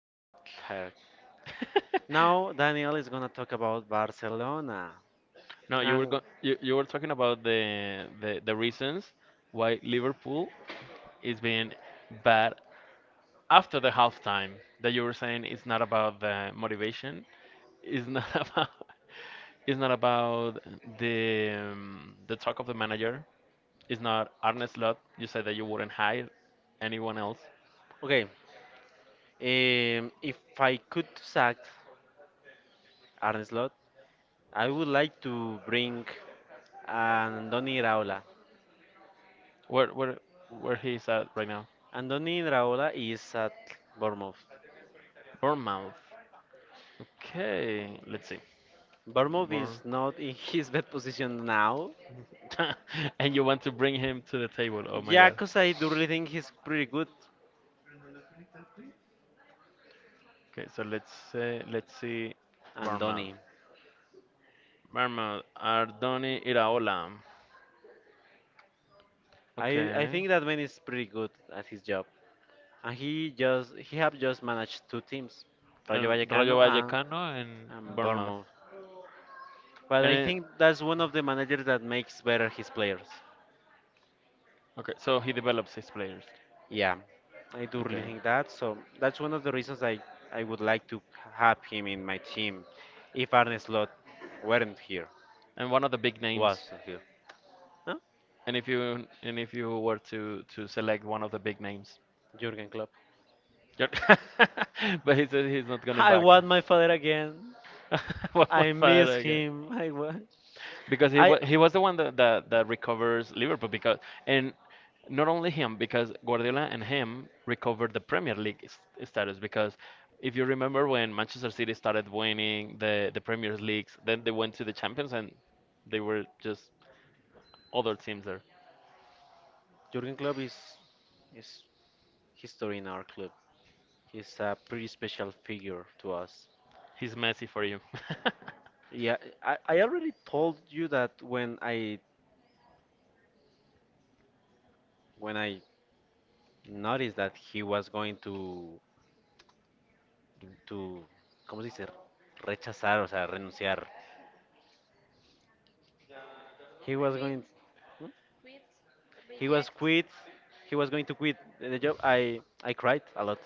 I'm tired. Now Daniel is gonna talk about Barcelona. No, you were And go you, you were talking about the reasons why Liverpool is being bad after the halftime. That you were saying it's not about the motivation. It's not about it's not about the talk of the manager. It's not Arne Slot. You said that you wouldn't hire anyone else. okay, if I could sack Arne Slot, I would like to bring Andoni Iraola. Where where where he is at right now? Andoni Iraola is at Bournemouth. Bournemouth. Okay, let's see. Bournemouth is Bour- not in his best position now. and you want to bring him to the table? Oh my Yeah, God. 'cause I do really think he's pretty good. Okay, so let's see Bournemouth. Andoni, Bournemouth, Ardoni Iraola. I Okay. think that man is pretty good at his job. And he have just managed two teams, Rayo El Vallecano Rayo and, Vallecano and and Bournemouth. Bournemouth. But And I think that's one of the managers that makes better his players. okay, so he develops his players. Yeah, I do really Okay. think that. So that's one of the reasons I would like to have him in my team, if Arne Slot weren't here, And one of the big names. wasn't here. Huh? And if you were to select one of the big names. Jurgen Klopp. But he said he's not going I back. want my father again. One more I father, miss okay. him. I want. Because he I was he was the one that recovers Liverpool, because and not only him, because Guardiola and him recovered the Premier League status, because if you remember, when Manchester City started winning the Premier Leagues, then they went to the Champions and they were just other teams there. Jurgen Klopp is history in our club. He's a pretty special figure to us. He's messy for you. Yeah, I already told you that when I noticed that he was going to ¿cómo se dice? Rechazar, o sea, renunciar. He was going. ¿Mm? He was quit. He was going to quit the job. I cried a lot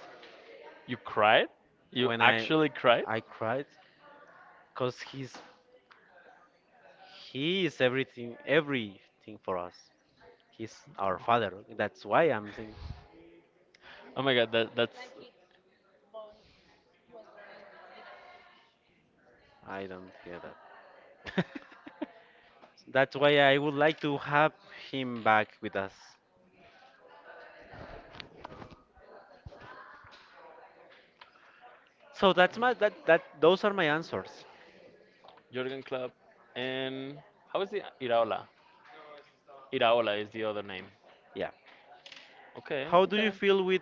You cried? You when I actually cried? I cried because he is everything for us. He's our father. That's why I'm saying Oh my God, that's I don't hear that. That's why I would like to have him back with us. So that's my that that those are my answers. Jurgen Klopp. And how is the Iraola? Iraola is the other name. Yeah. Okay, How do you okay. feel with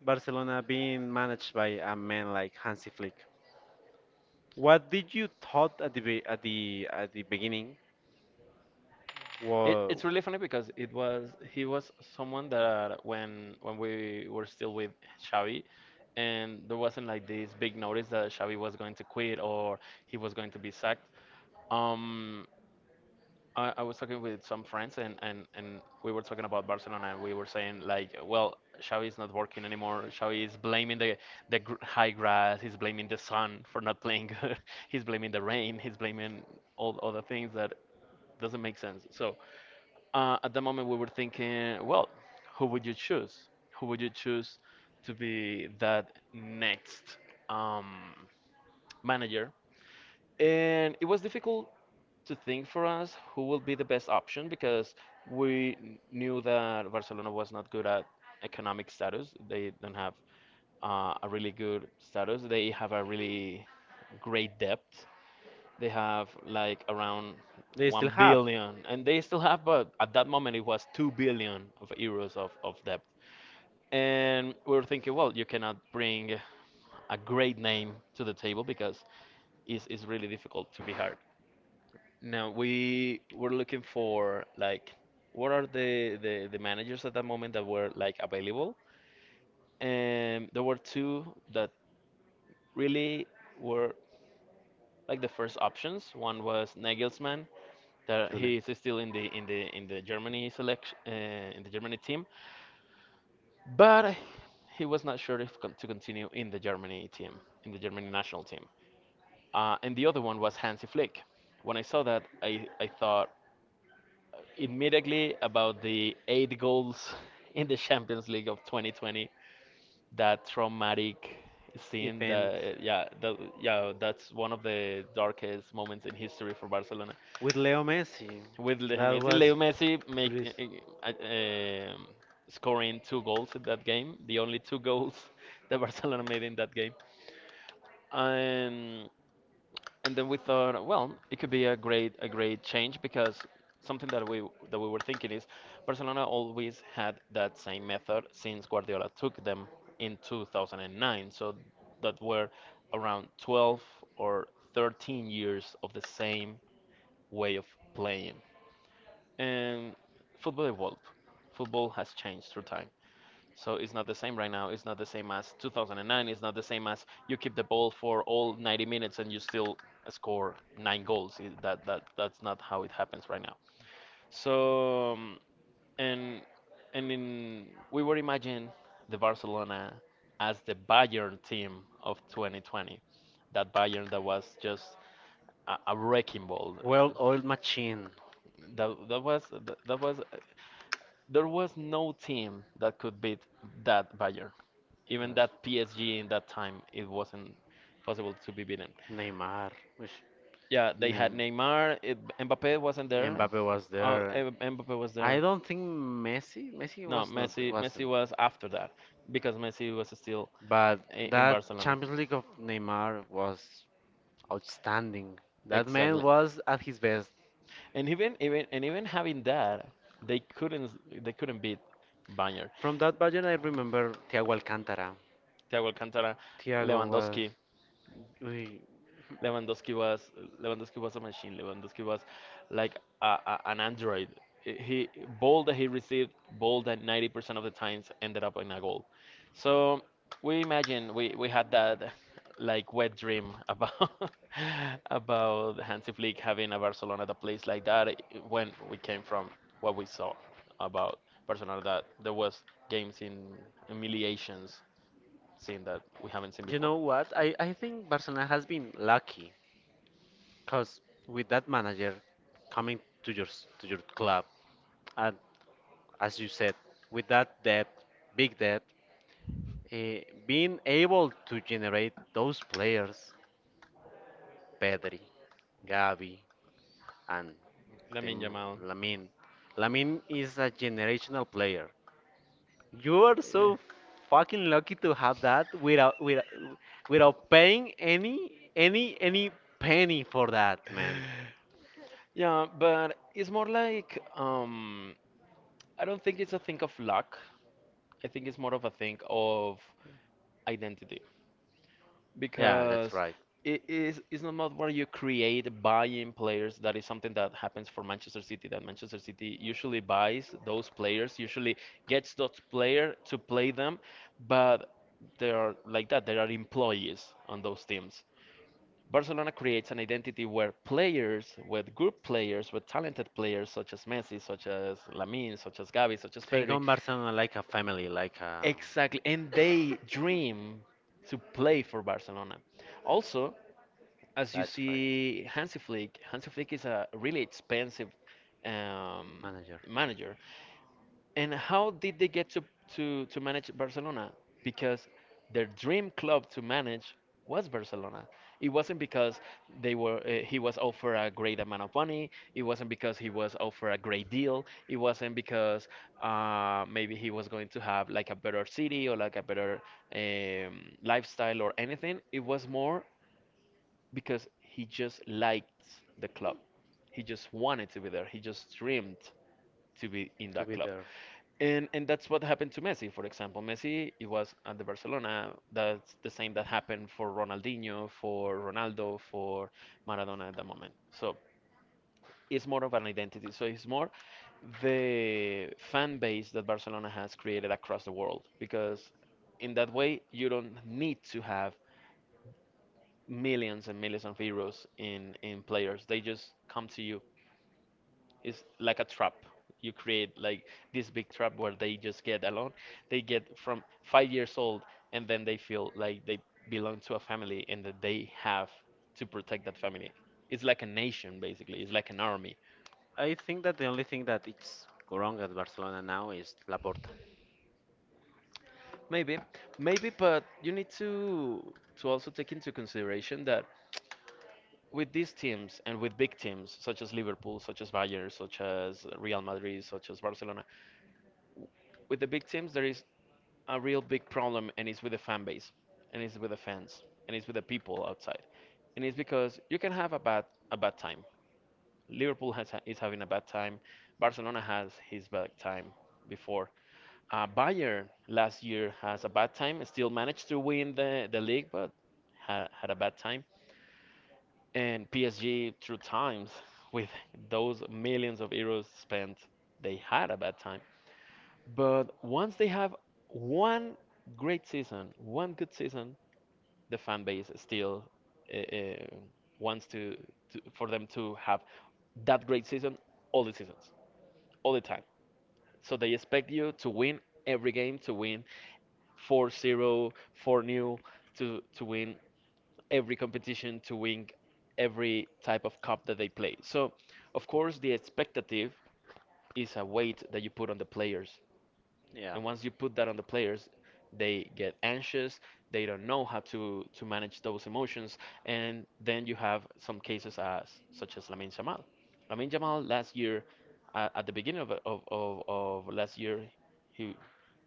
Barcelona being managed by a man like Hansi Flick? What did you thought at the beginning? It, Whoa. it's really funny because it was he was someone that when we were still with Xavi, and there wasn't like this big notice that Xavi was going to quit or he was going to be sacked. Um, I was talking with some friends, and we were talking about Barcelona, and we were saying, like, well, Xavi is not working anymore. Xavi is blaming the gr high grass. He's blaming the sun for not playing good. He's blaming the rain. He's blaming all other things that doesn't make sense. So, at the moment we were thinking, well, who would you choose? Who would you choose to be that next um, manager? And it was difficult to think for us who will be the best option, because we knew that Barcelona was not good at economic status. They don't have, a really good status. They have a really great depth. They have like around They still 1 have. billion, and they still have, but at that moment it was 2 billion of euros of debt. And we were thinking, well, you cannot bring a great name to the table because it's really difficult to be hard. Now we were looking for, like, what are the managers at that moment that were like available? And there were two that really were like the first options. One was Nagelsmann, that Julian. he is still in the Germany selection, in the Germany team, but he was not sure if con- to continue in the Germany national team. And the other one was Hansi Flick. When I saw that, I thought immediately about the eight goals in the Champions League of 2020. That traumatic scene. Event That, yeah, that, yeah, that's one of the darkest moments in history for Barcelona, with Leo Messi. with Leo That Messi. was Leo Messi, make pretty uh, uh, um, scoring two goals in that game, the only two goals that Barcelona made in that game. And and then we thought, well, it could be a great change, because something that we were thinking is Barcelona always had that same method since Guardiola took them in 2009. So that were around 12 or 13 years of the same way of playing. And football evolved. Football has changed through time. So it's not the same right now. It's not the same as 2009. It's not the same as you keep the ball for all 90 minutes and you still score nine goals. That's not how it happens right now. So, and and in we were imagine the Barcelona as the Bayern team of 2020. That Bayern that was just a wrecking ball. well-oiled machine. That, that was there was no team that could beat that Bayern. Even Yes. that PSG in that time, it wasn't possible to be beaten. Neymar. Which Yeah, they had Neymar. Mbappe wasn't there. Mbappe was there. I don't think Messi. Messi No, was not Messi. Messi wasn't. was after that, because Messi was still But in that Barcelona. Champions League of Neymar was outstanding. That man Exactly. was at his best. And even having that, they couldn't beat Bayern. From that budget, I remember Thiago Alcantara. Thiago Alcantara, Thiago was. Lewandowski, Uy, Lewandowski was Lewandowski was a machine. Lewandowski was like an android. He, ball that he received, ball that 90% of the times ended up in a goal. So we imagine, we had that, like, wet dream about about Hansi Flick having a Barcelona that plays like that, when we came from what we saw about Barcelona, that there was games in humiliations scene that we haven't seen you before. know what? I think Barcelona has been lucky because with that manager coming to your to your club, and as you said, with that debt, big debt, eh, being able to generate those players, Pedri, Gavi, and the Lamine Yamal. Lamine Lamin is a generational player. You are Yeah, so. so fucking lucky to have that without paying any penny for that, man. Yeah, but it's more like, I don't think it's a thing of luck. I think it's more of a thing of identity, Yeah, that's because, right. right, it's not about what you create buying players. That is something that happens for Manchester City. That Manchester City usually buys those players, usually gets those player to play them, but they are like that. They are employees on those teams. Barcelona creates an identity where players, with good players, with talented players such as Messi, such as Lamine, such as Gavi, such as Think Pedri, on Barcelona like a family, like a. exactly, and they dream to play for Barcelona. Also, as you That's right. see, Hansi Flick is a really expensive, um, Manager. manager. And how did they get to manage Barcelona? Because their dream club to manage was Barcelona. It wasn't because they were he was offered a great amount of money. It wasn't because he was offered a great deal. It wasn't because, maybe he was going to have like a better city, or like a better, lifestyle, or anything. It was more because he just liked the club. He just wanted to be there. He just dreamed to be in that club. And that's what happened to Messi. For example, Messi, it was at the Barcelona. That's the same that happened for Ronaldinho, for Ronaldo, for Maradona at the moment. So it's more of an identity. So it's more the fan base that Barcelona has created across the world. Because in that way, you don't need to have millions and millions of euros in players. They just come to you. It's like a trap. You create like this big trap where they just get alone. They get from 5 years old, and then they feel like they belong to a family, and that they have to protect that family. It's like a nation, basically. It's like an army. I think that the only thing that it's wrong at Barcelona now is Laporta. Maybe, maybe, but you need to also take into consideration that with these teams, and with big teams such as Liverpool, such as Bayern, such as Real Madrid, such as Barcelona, with the big teams, there is a real big problem, and it's with the fan base, and it's with the fans, and it's with the people outside, and it's because you can have a bad time. Liverpool has, is having a bad time. Barcelona has his bad time before. Bayern last year has a bad time, still managed to win the league, but had a bad time, and PSG through times with those millions of euros spent, they had a bad time. But once they have one great season, one good season, the fan base still, uh, uh, wants to for them to have that great season all the seasons, all the time. So they expect you to win every game, to win 4-0, 4-0, to win every competition, to win every type of cup that they play. So, of course, the expectative is a weight that you put on the players, Yeah, and once you put that on the players, they get anxious, they don't know how to manage those emotions, and then you have some cases as such as Lamine Yamal. Lamine Yamal last year, at the beginning of last year, he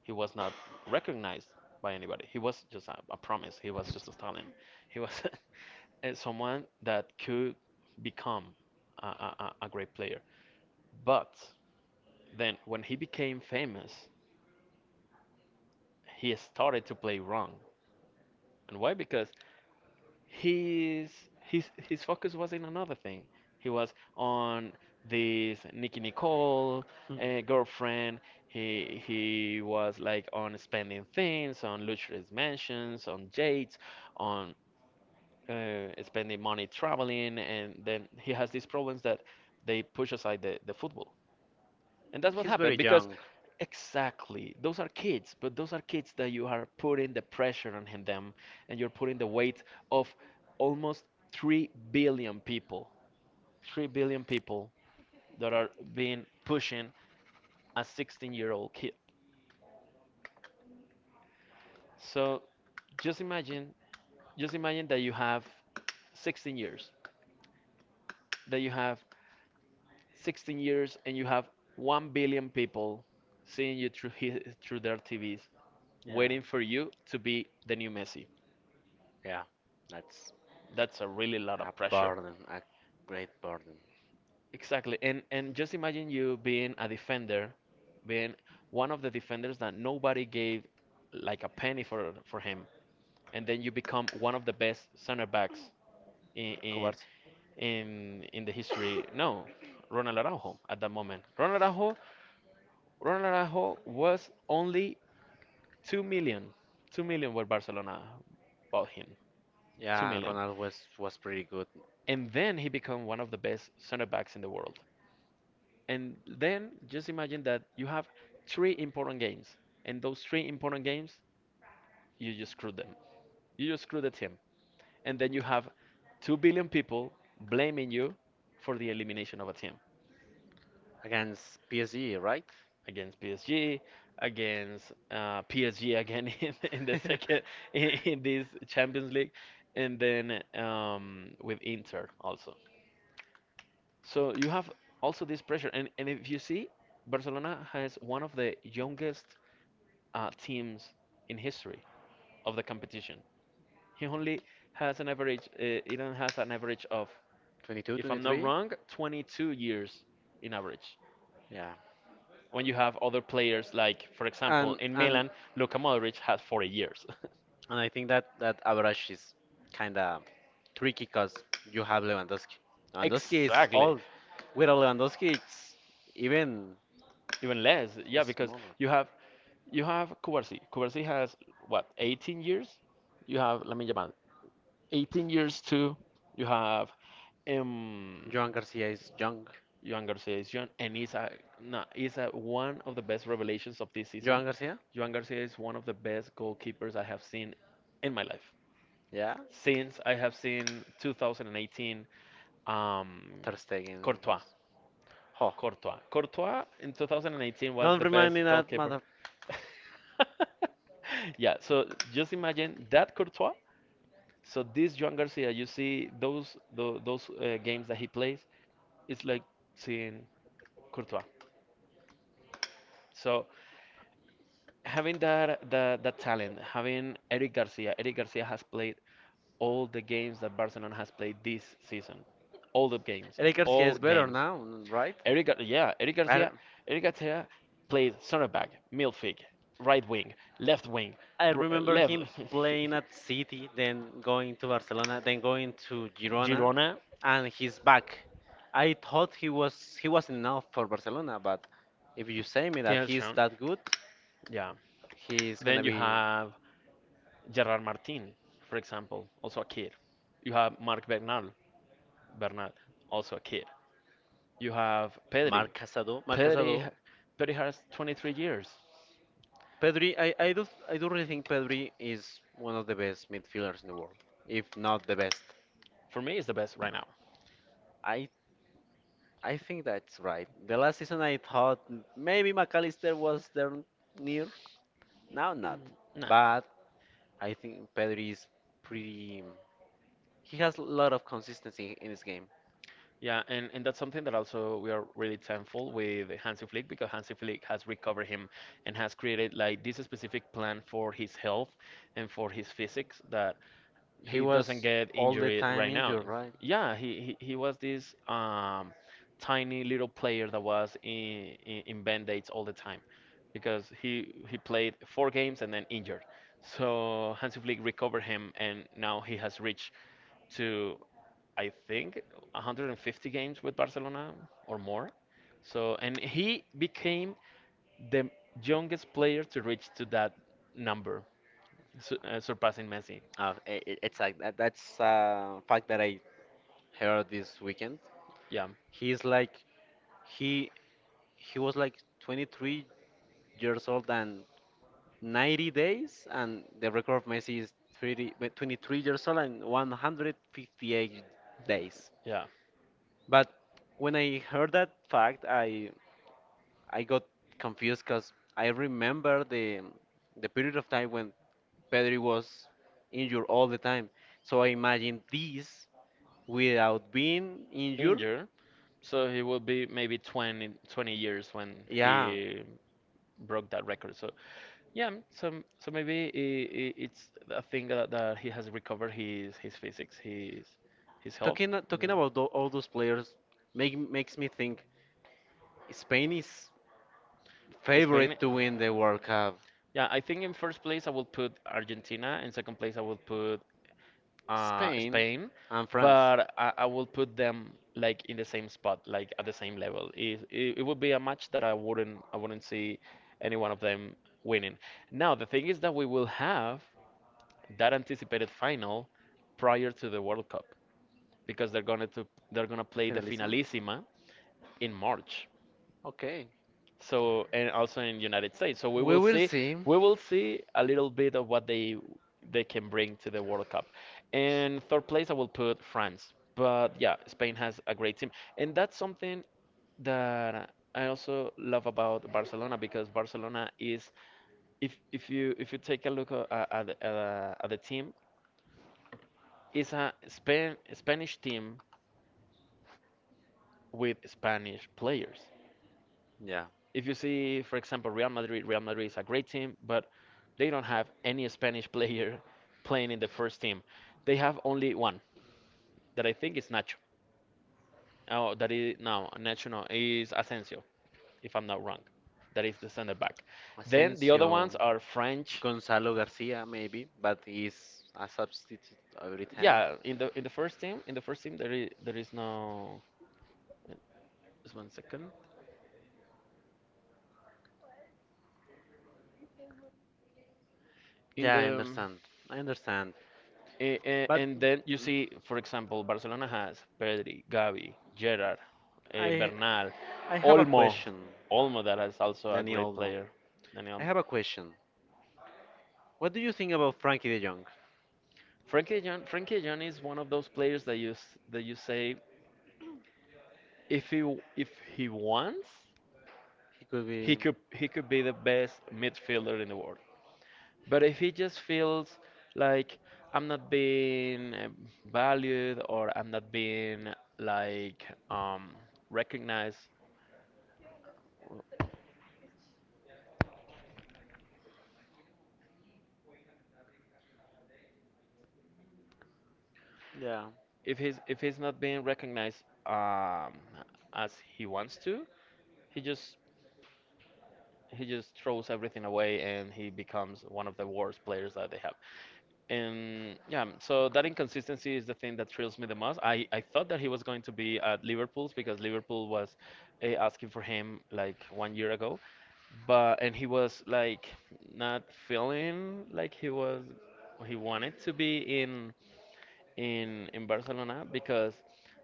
he was not recognized by anybody. He was just a promise. He was just a talent. He was someone that could become a great player. But then, when he became famous, he started to play wrong. And why? Because his his focus was in another thing. He was on this Nicki Nicole, girlfriend. He was like on spending things, on luxurious mansions, on dates, on, spending money traveling, and then he has these problems that they push aside the football. And that's what happened because young. exactly those are kids, but those are kids that you are putting the pressure on them, and you're putting the weight of almost 3 billion people. 3 billion people that are being pushing a 16-year-old kid. So just imagine, just imagine that you have 16 years, that you have 16 years and you have 1 billion people seeing you through through their TVs, Yeah. waiting for you to be the new Messi. Yeah. That's That's a really lot of a pressure. burden, a great burden. Exactly. And just imagine you being a defender, being one of the defenders that nobody gave like a penny for him, and then you become one of the best center backs in in Covarde. In the history. No, Ronald Araujo at that moment. Ronald Araujo, Ronald Araujo was only 2 million. 2 million where Barcelona bought him. 2 Yeah, million. Ronaldo was pretty good And then he became one of the best center backs in the world. And then just imagine that you have three important games, and those three important games, you just screwed them. You just screwed the team. And then you have 2 billion people blaming you for the elimination of a team against PSG, right? against PSG, against PSG again in the second, in, in this Champions League, and then with Inter also. So you have also this pressure. And if you see, Barcelona has one of the youngest teams in history of the competition. He only has an average. Elon has an average of, 22, if twenty I'm not three. wrong, 22 years in average. Yeah. When you have other players like, for example, And in and Milan, Luka Modric has 40 years. And I think that average is kind of tricky because you have Lewandowski. Lewandowski is exactly, old. Without Lewandowski, it's even even less. Yeah, because smaller. you have you have Kubarsi. Kubarsi has what, 18 years. You have Lamine Yamal, 18 years too. You have um, Joan Garcia is young. Johan Garcia is young, and he's a, no, he's a, one of the best revelations of this season. Joan Garcia? Johan Garcia is one of the best goalkeepers I have seen in my life Yeah. since I have seen 2018 um, Ter Stegen. Courtois. Huh. Courtois. Courtois in 2018 was Don't the remind me best that goalkeeper. mother. yeah, so just imagine that Courtois. So this Joan Garcia, you see those games that he plays, it's like seeing Courtois. So having that talent, having Eric Garcia, Eric Garcia has played all the games that Barcelona has played this season, all the games, Eric Garcia all is better games. now, right? Eric, yeah, Eric I don't. Garcia, Eric Garcia played center back, midfield, right wing, left wing, I remember left. him playing at City, then going to Barcelona, then going to Girona, Girona, and he's back. I thought he was he wasn't enough for Barcelona, but if you say me he that has he's shown. that good, Yeah. he's Then gonna you be have Gerard Martin, for example, also a kid. You have Marc Bernal, Bernal, also a kid. You have Pedri. Marc Casado. Marc Pedri, Casado. Pedri has 23 years. Pedri, I do really think Pedri is one of the best midfielders in the world, if not the best. For me, is the best right now. I I think that's right. The last season I thought maybe McAllister was there near, now not, Nah. but I think Pedri is pretty. He has a lot of consistency in his game. Yeah, and that's something that also we are really thankful with Hansi Flick because Hansi Flick has recovered him and has created like this specific plan for his health and for his physics that He he doesn't was get all the injured time right now. injured, right? Yeah, he was this tiny little player that was in band-aids all the time because he played four games and then injured. So Hansi Flick recovered him, and now he has reached to, I think, 150 games with Barcelona or more. So, and he became the youngest player to reach to that number, surpassing Messi. It's like that, that's a fact that I heard this weekend. Yeah, He's like he he was like 23 years old and 90 days, and the record of Messi is 30, but 23 years old and 158 days. yeah. But when I heard that fact, I got confused because I remember the period of time when Pedri was injured all the time. So I imagine this without being injured. Injured. So he will be maybe 20, 20 years when Yeah, he broke that record. So yeah, so so maybe it's a thing that he has recovered his physics, his health, talking and talking then about all those players makes me think Spain is it's been. favorite to win the World Cup. Yeah, I think in first place I will put Argentina, in second place I will put Spain, Spain, and France. but I will put them like in the same spot, like at the same level. It would be a match that I wouldn't see any one of them winning. Now the thing is that we will have that anticipated final prior to the World Cup because they're gonna play the Finalissima? finalissima in March, Okay. so and also in United States. So We will see. we will see a little bit of what they can bring to the World Cup. And third place I will put France. But yeah, Spain has a great team. And that's something that I also love about Barcelona because Barcelona is if you take a look at the team, it's a Spanish team with Spanish players. Yeah. If you see, for example, Real Madrid, Real Madrid is a great team, but they don't have any Spanish player playing in the first team. They have only one that I think is Nacho. Oh, that is no, Nacho no, is Asensio, if I'm not wrong. That is the center back. Then the other Asensio, ones are French. Gonzalo Garcia, maybe, but he's a substitute every time. Yeah, in the first team, in the first team there is no. Eh, just one second. In Yeah, I the understand. I understand. But And then you see, for example, Barcelona has Pedri, Gavi, Gerard, eh, I Bernal, I have a Olmo. question, Olmo, that is also a Dani great Olmo. player. Dani I Olmo. have a question. What do you think about Frankie De Jong? Frankie de Jong is one of those players that that you say if if he wants, He could be. He could be the best midfielder in the world. But if he just feels like I'm not being valued or I'm not being like um, recognized, Yeah. if he's not being recognized as he wants to, he just he just throws everything away and he becomes one of the worst players that they have. And yeah, so that inconsistency is the thing that thrills me the most. I thought that he was going to be at Liverpool's because Liverpool was asking for him like 1 year ago, but and he was like not feeling like he wanted to be in Barcelona because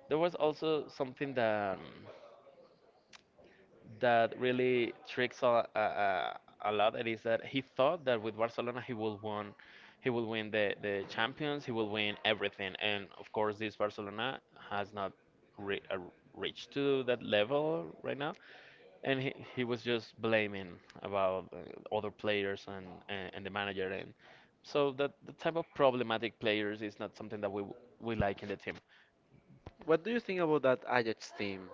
there was also something that that really tricks a lot. It is that he thought that with Barcelona he will win the Champions, he will win everything, and of course this Barcelona has not re reached to that level right now, and he was just blaming about other players and the manager and. So that the type of problematic players is not something that we like in the team. What do you think about that Ajax team?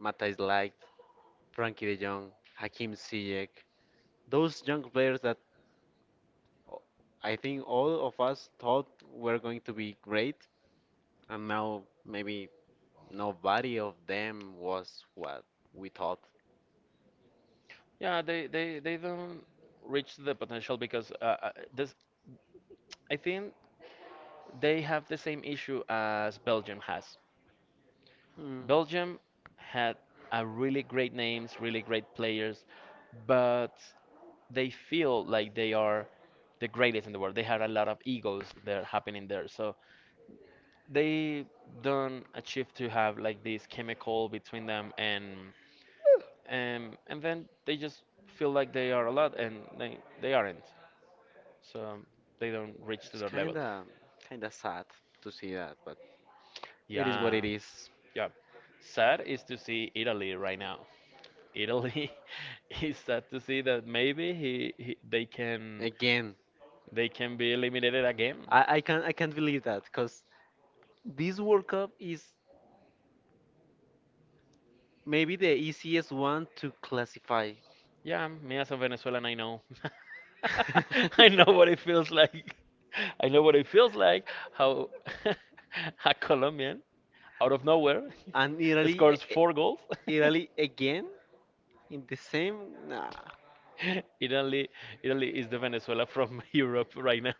Matthijs Light, Frankie De Jong, Hakim Ziyech, those young players that o- I think all of us thought were going to be great, and now maybe nobody of them was what we thought. Yeah, they don't reach the potential because this, I think they have the same issue as Belgium has. Hmm. Belgium had a really great names, really great players, but they feel like they are the greatest in the world. They had a lot of egos that are happening there. So they don't achieve to have like this chemical between them and then they just feel like they are a lot and they aren't. So they don't reach to It's their level. kinda sad to see that, but it is what Yeah, it is. yeah. Sad is to see Italy right now. Italy is sad to see that maybe he they can Again, be eliminated again. I can't believe that because this World Cup is maybe the easiest one to classify. Yeah, me as a Venezuelan, I know. I know what it feels like. I know what it feels like how a Colombian out of nowhere And Italy, scores four goals. Italy again in the same. Nah, Italy, Italy is the Venezuela from Europe right now.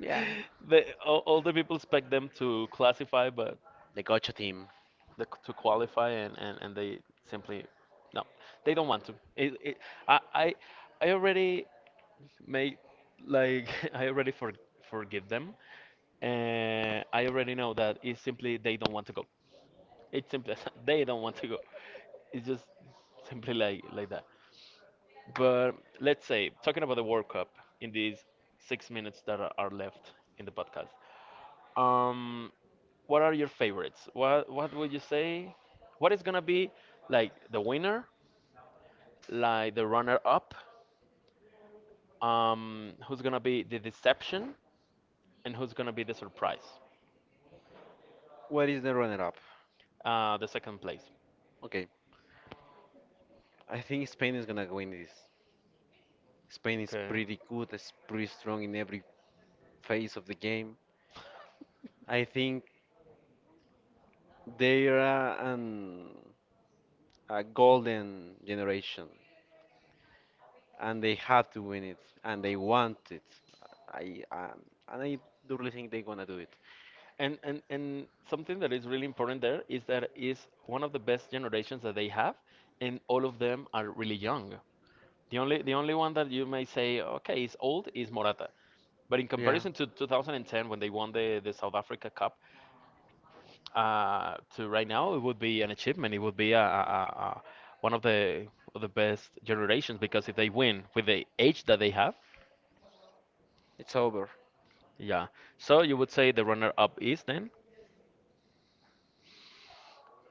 yeah. the, all the people expect them to but The Gocha team. the, to qualify, and they simply no, they don't want to. It, I, I I already made like I already forgive them, and I already know that it's simply they don't want to go. It's simple as they don't want to go. It's just simply like that. But let's say, talking about the World Cup in these 6 minutes that are left in the podcast, um, what are your favorites? What would you say? What is gonna be like the winner, like the runner up? Who's gonna be the deception, and who's gonna be the surprise? What is the runner-up? The second place. Okay, I think Spain is gonna win this. Spain is Okay. pretty good. It's pretty strong in every phase of the game. I think they are an, a golden generation, and they have to win it, and they want it. I and I do really think they're gonna do it. And something that is really important there is that is one of the best generations that they have, and all of them are really young. The only one that you may say, okay, is old is Morata. But in Yeah, comparison to 2010 when they won the South Africa Cup, to right now it would be an achievement. It would be a one of the best generations because if they win with the age that they have, it's over. yeah. So you would say the runner up is then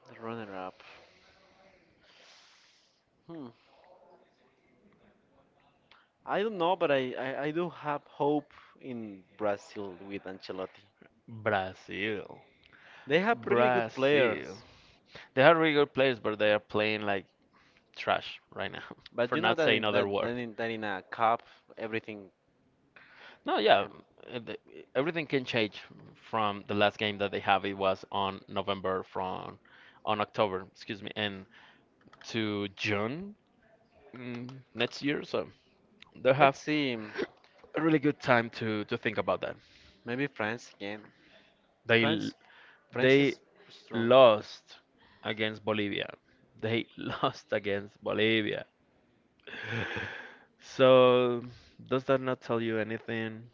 The runner-up. Hmm. I don't know, but I do have hope in Brazil with Ancelotti. Brazil. They have really good Brazil. players, They have really good players, but they are playing like trash right now, but for you know not saying other that, word. in, that in a cup, everything. No, yeah, uh, the- everything can change from the last game that they have. It was on November from on October, excuse me, and to June mm, next year. So they have Let's see, a really good time to think about that. maybe France again. They l- France, France they is strong. lost against Bolivia. They lost against Bolivia. So does that not tell you anything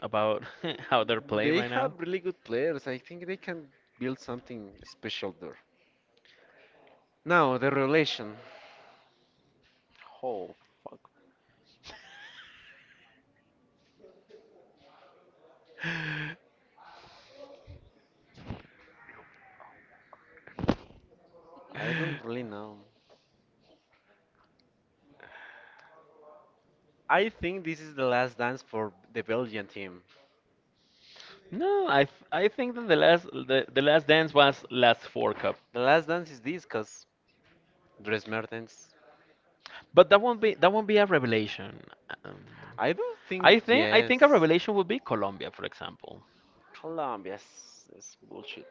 about how they're playing They right have now? really good players. I think they can build something special there. Now the relation. Oh fuck, I don't really know. I think this is the last dance for the Belgian team. No, I think that the last the last dance was last four cup, The last dance is this, cause Dries Mertens. but that won't be a revelation. Um, I don't think I think a yes. revelation would be Colombia, for example. Colombia's is bullshit.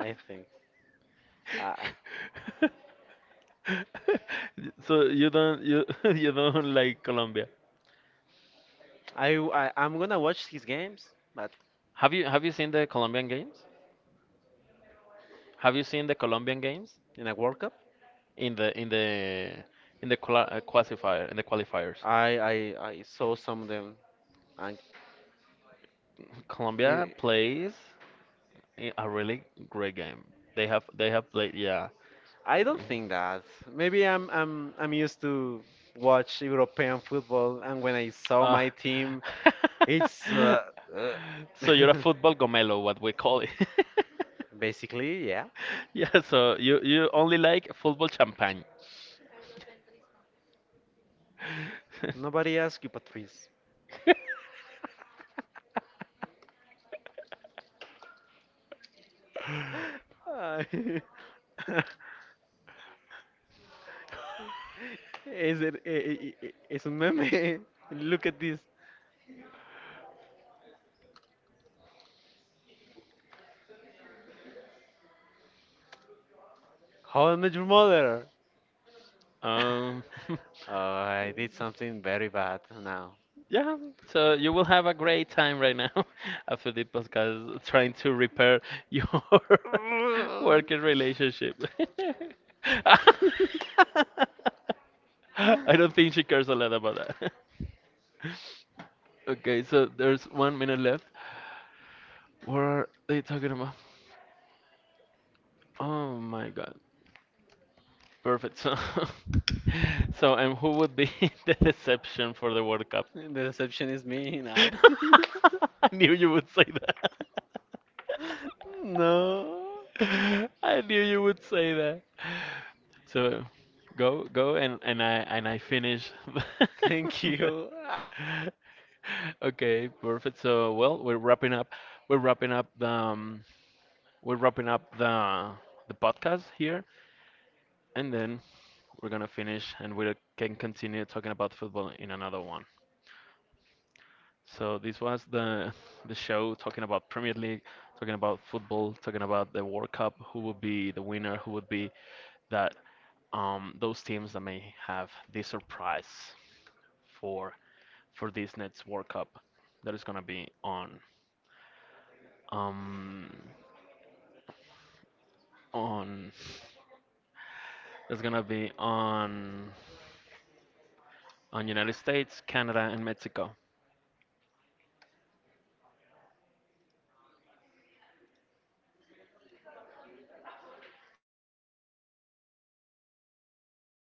I think. Uh, So you don't you you don't like Colombia. I'm gonna watch his games, but Have you seen the Colombian games? Have you seen the Colombian games in a World Cup, in the in the classifier in the qualifiers? I I, I saw some of them, and Colombia eh, plays. Eh, a really great game. They have played yeah. I don't Yeah. think that. Maybe I'm used to watch European football, and when I saw Ah. my team, it's uh, so you're a football gomelo, what we call it. basically yeah. yeah. So you only like football champagne. Nobody asked you, Patrice. Ay. Es, el- eh, eh, eh, es un meme. Look at this. How I Met Your Mother. um. Oh, I did something very bad now. Yeah, so you will have a great time right now after the podcast trying to repair your working relationship. I don't think she cares a lot about that. Okay, so there's 1 minute left. What are they talking about? Oh my god. Perfect. So, so and who would be the deception for the World Cup? The deception is me now. I knew you would say that. I knew you would say No. that. So go go and I finish. Thank the- you. Okay, perfect. So well, we're wrapping up. We're wrapping up the We're wrapping up the the podcast here, and then we're gonna finish, and we can continue talking about football in another one. So this was the show talking about Premier League, talking about football, talking about the World Cup, who would be the winner, who would be that those teams that may have the surprise for this next World Cup that is gonna be on um on that's gonna be on United States, Canada, and Mexico.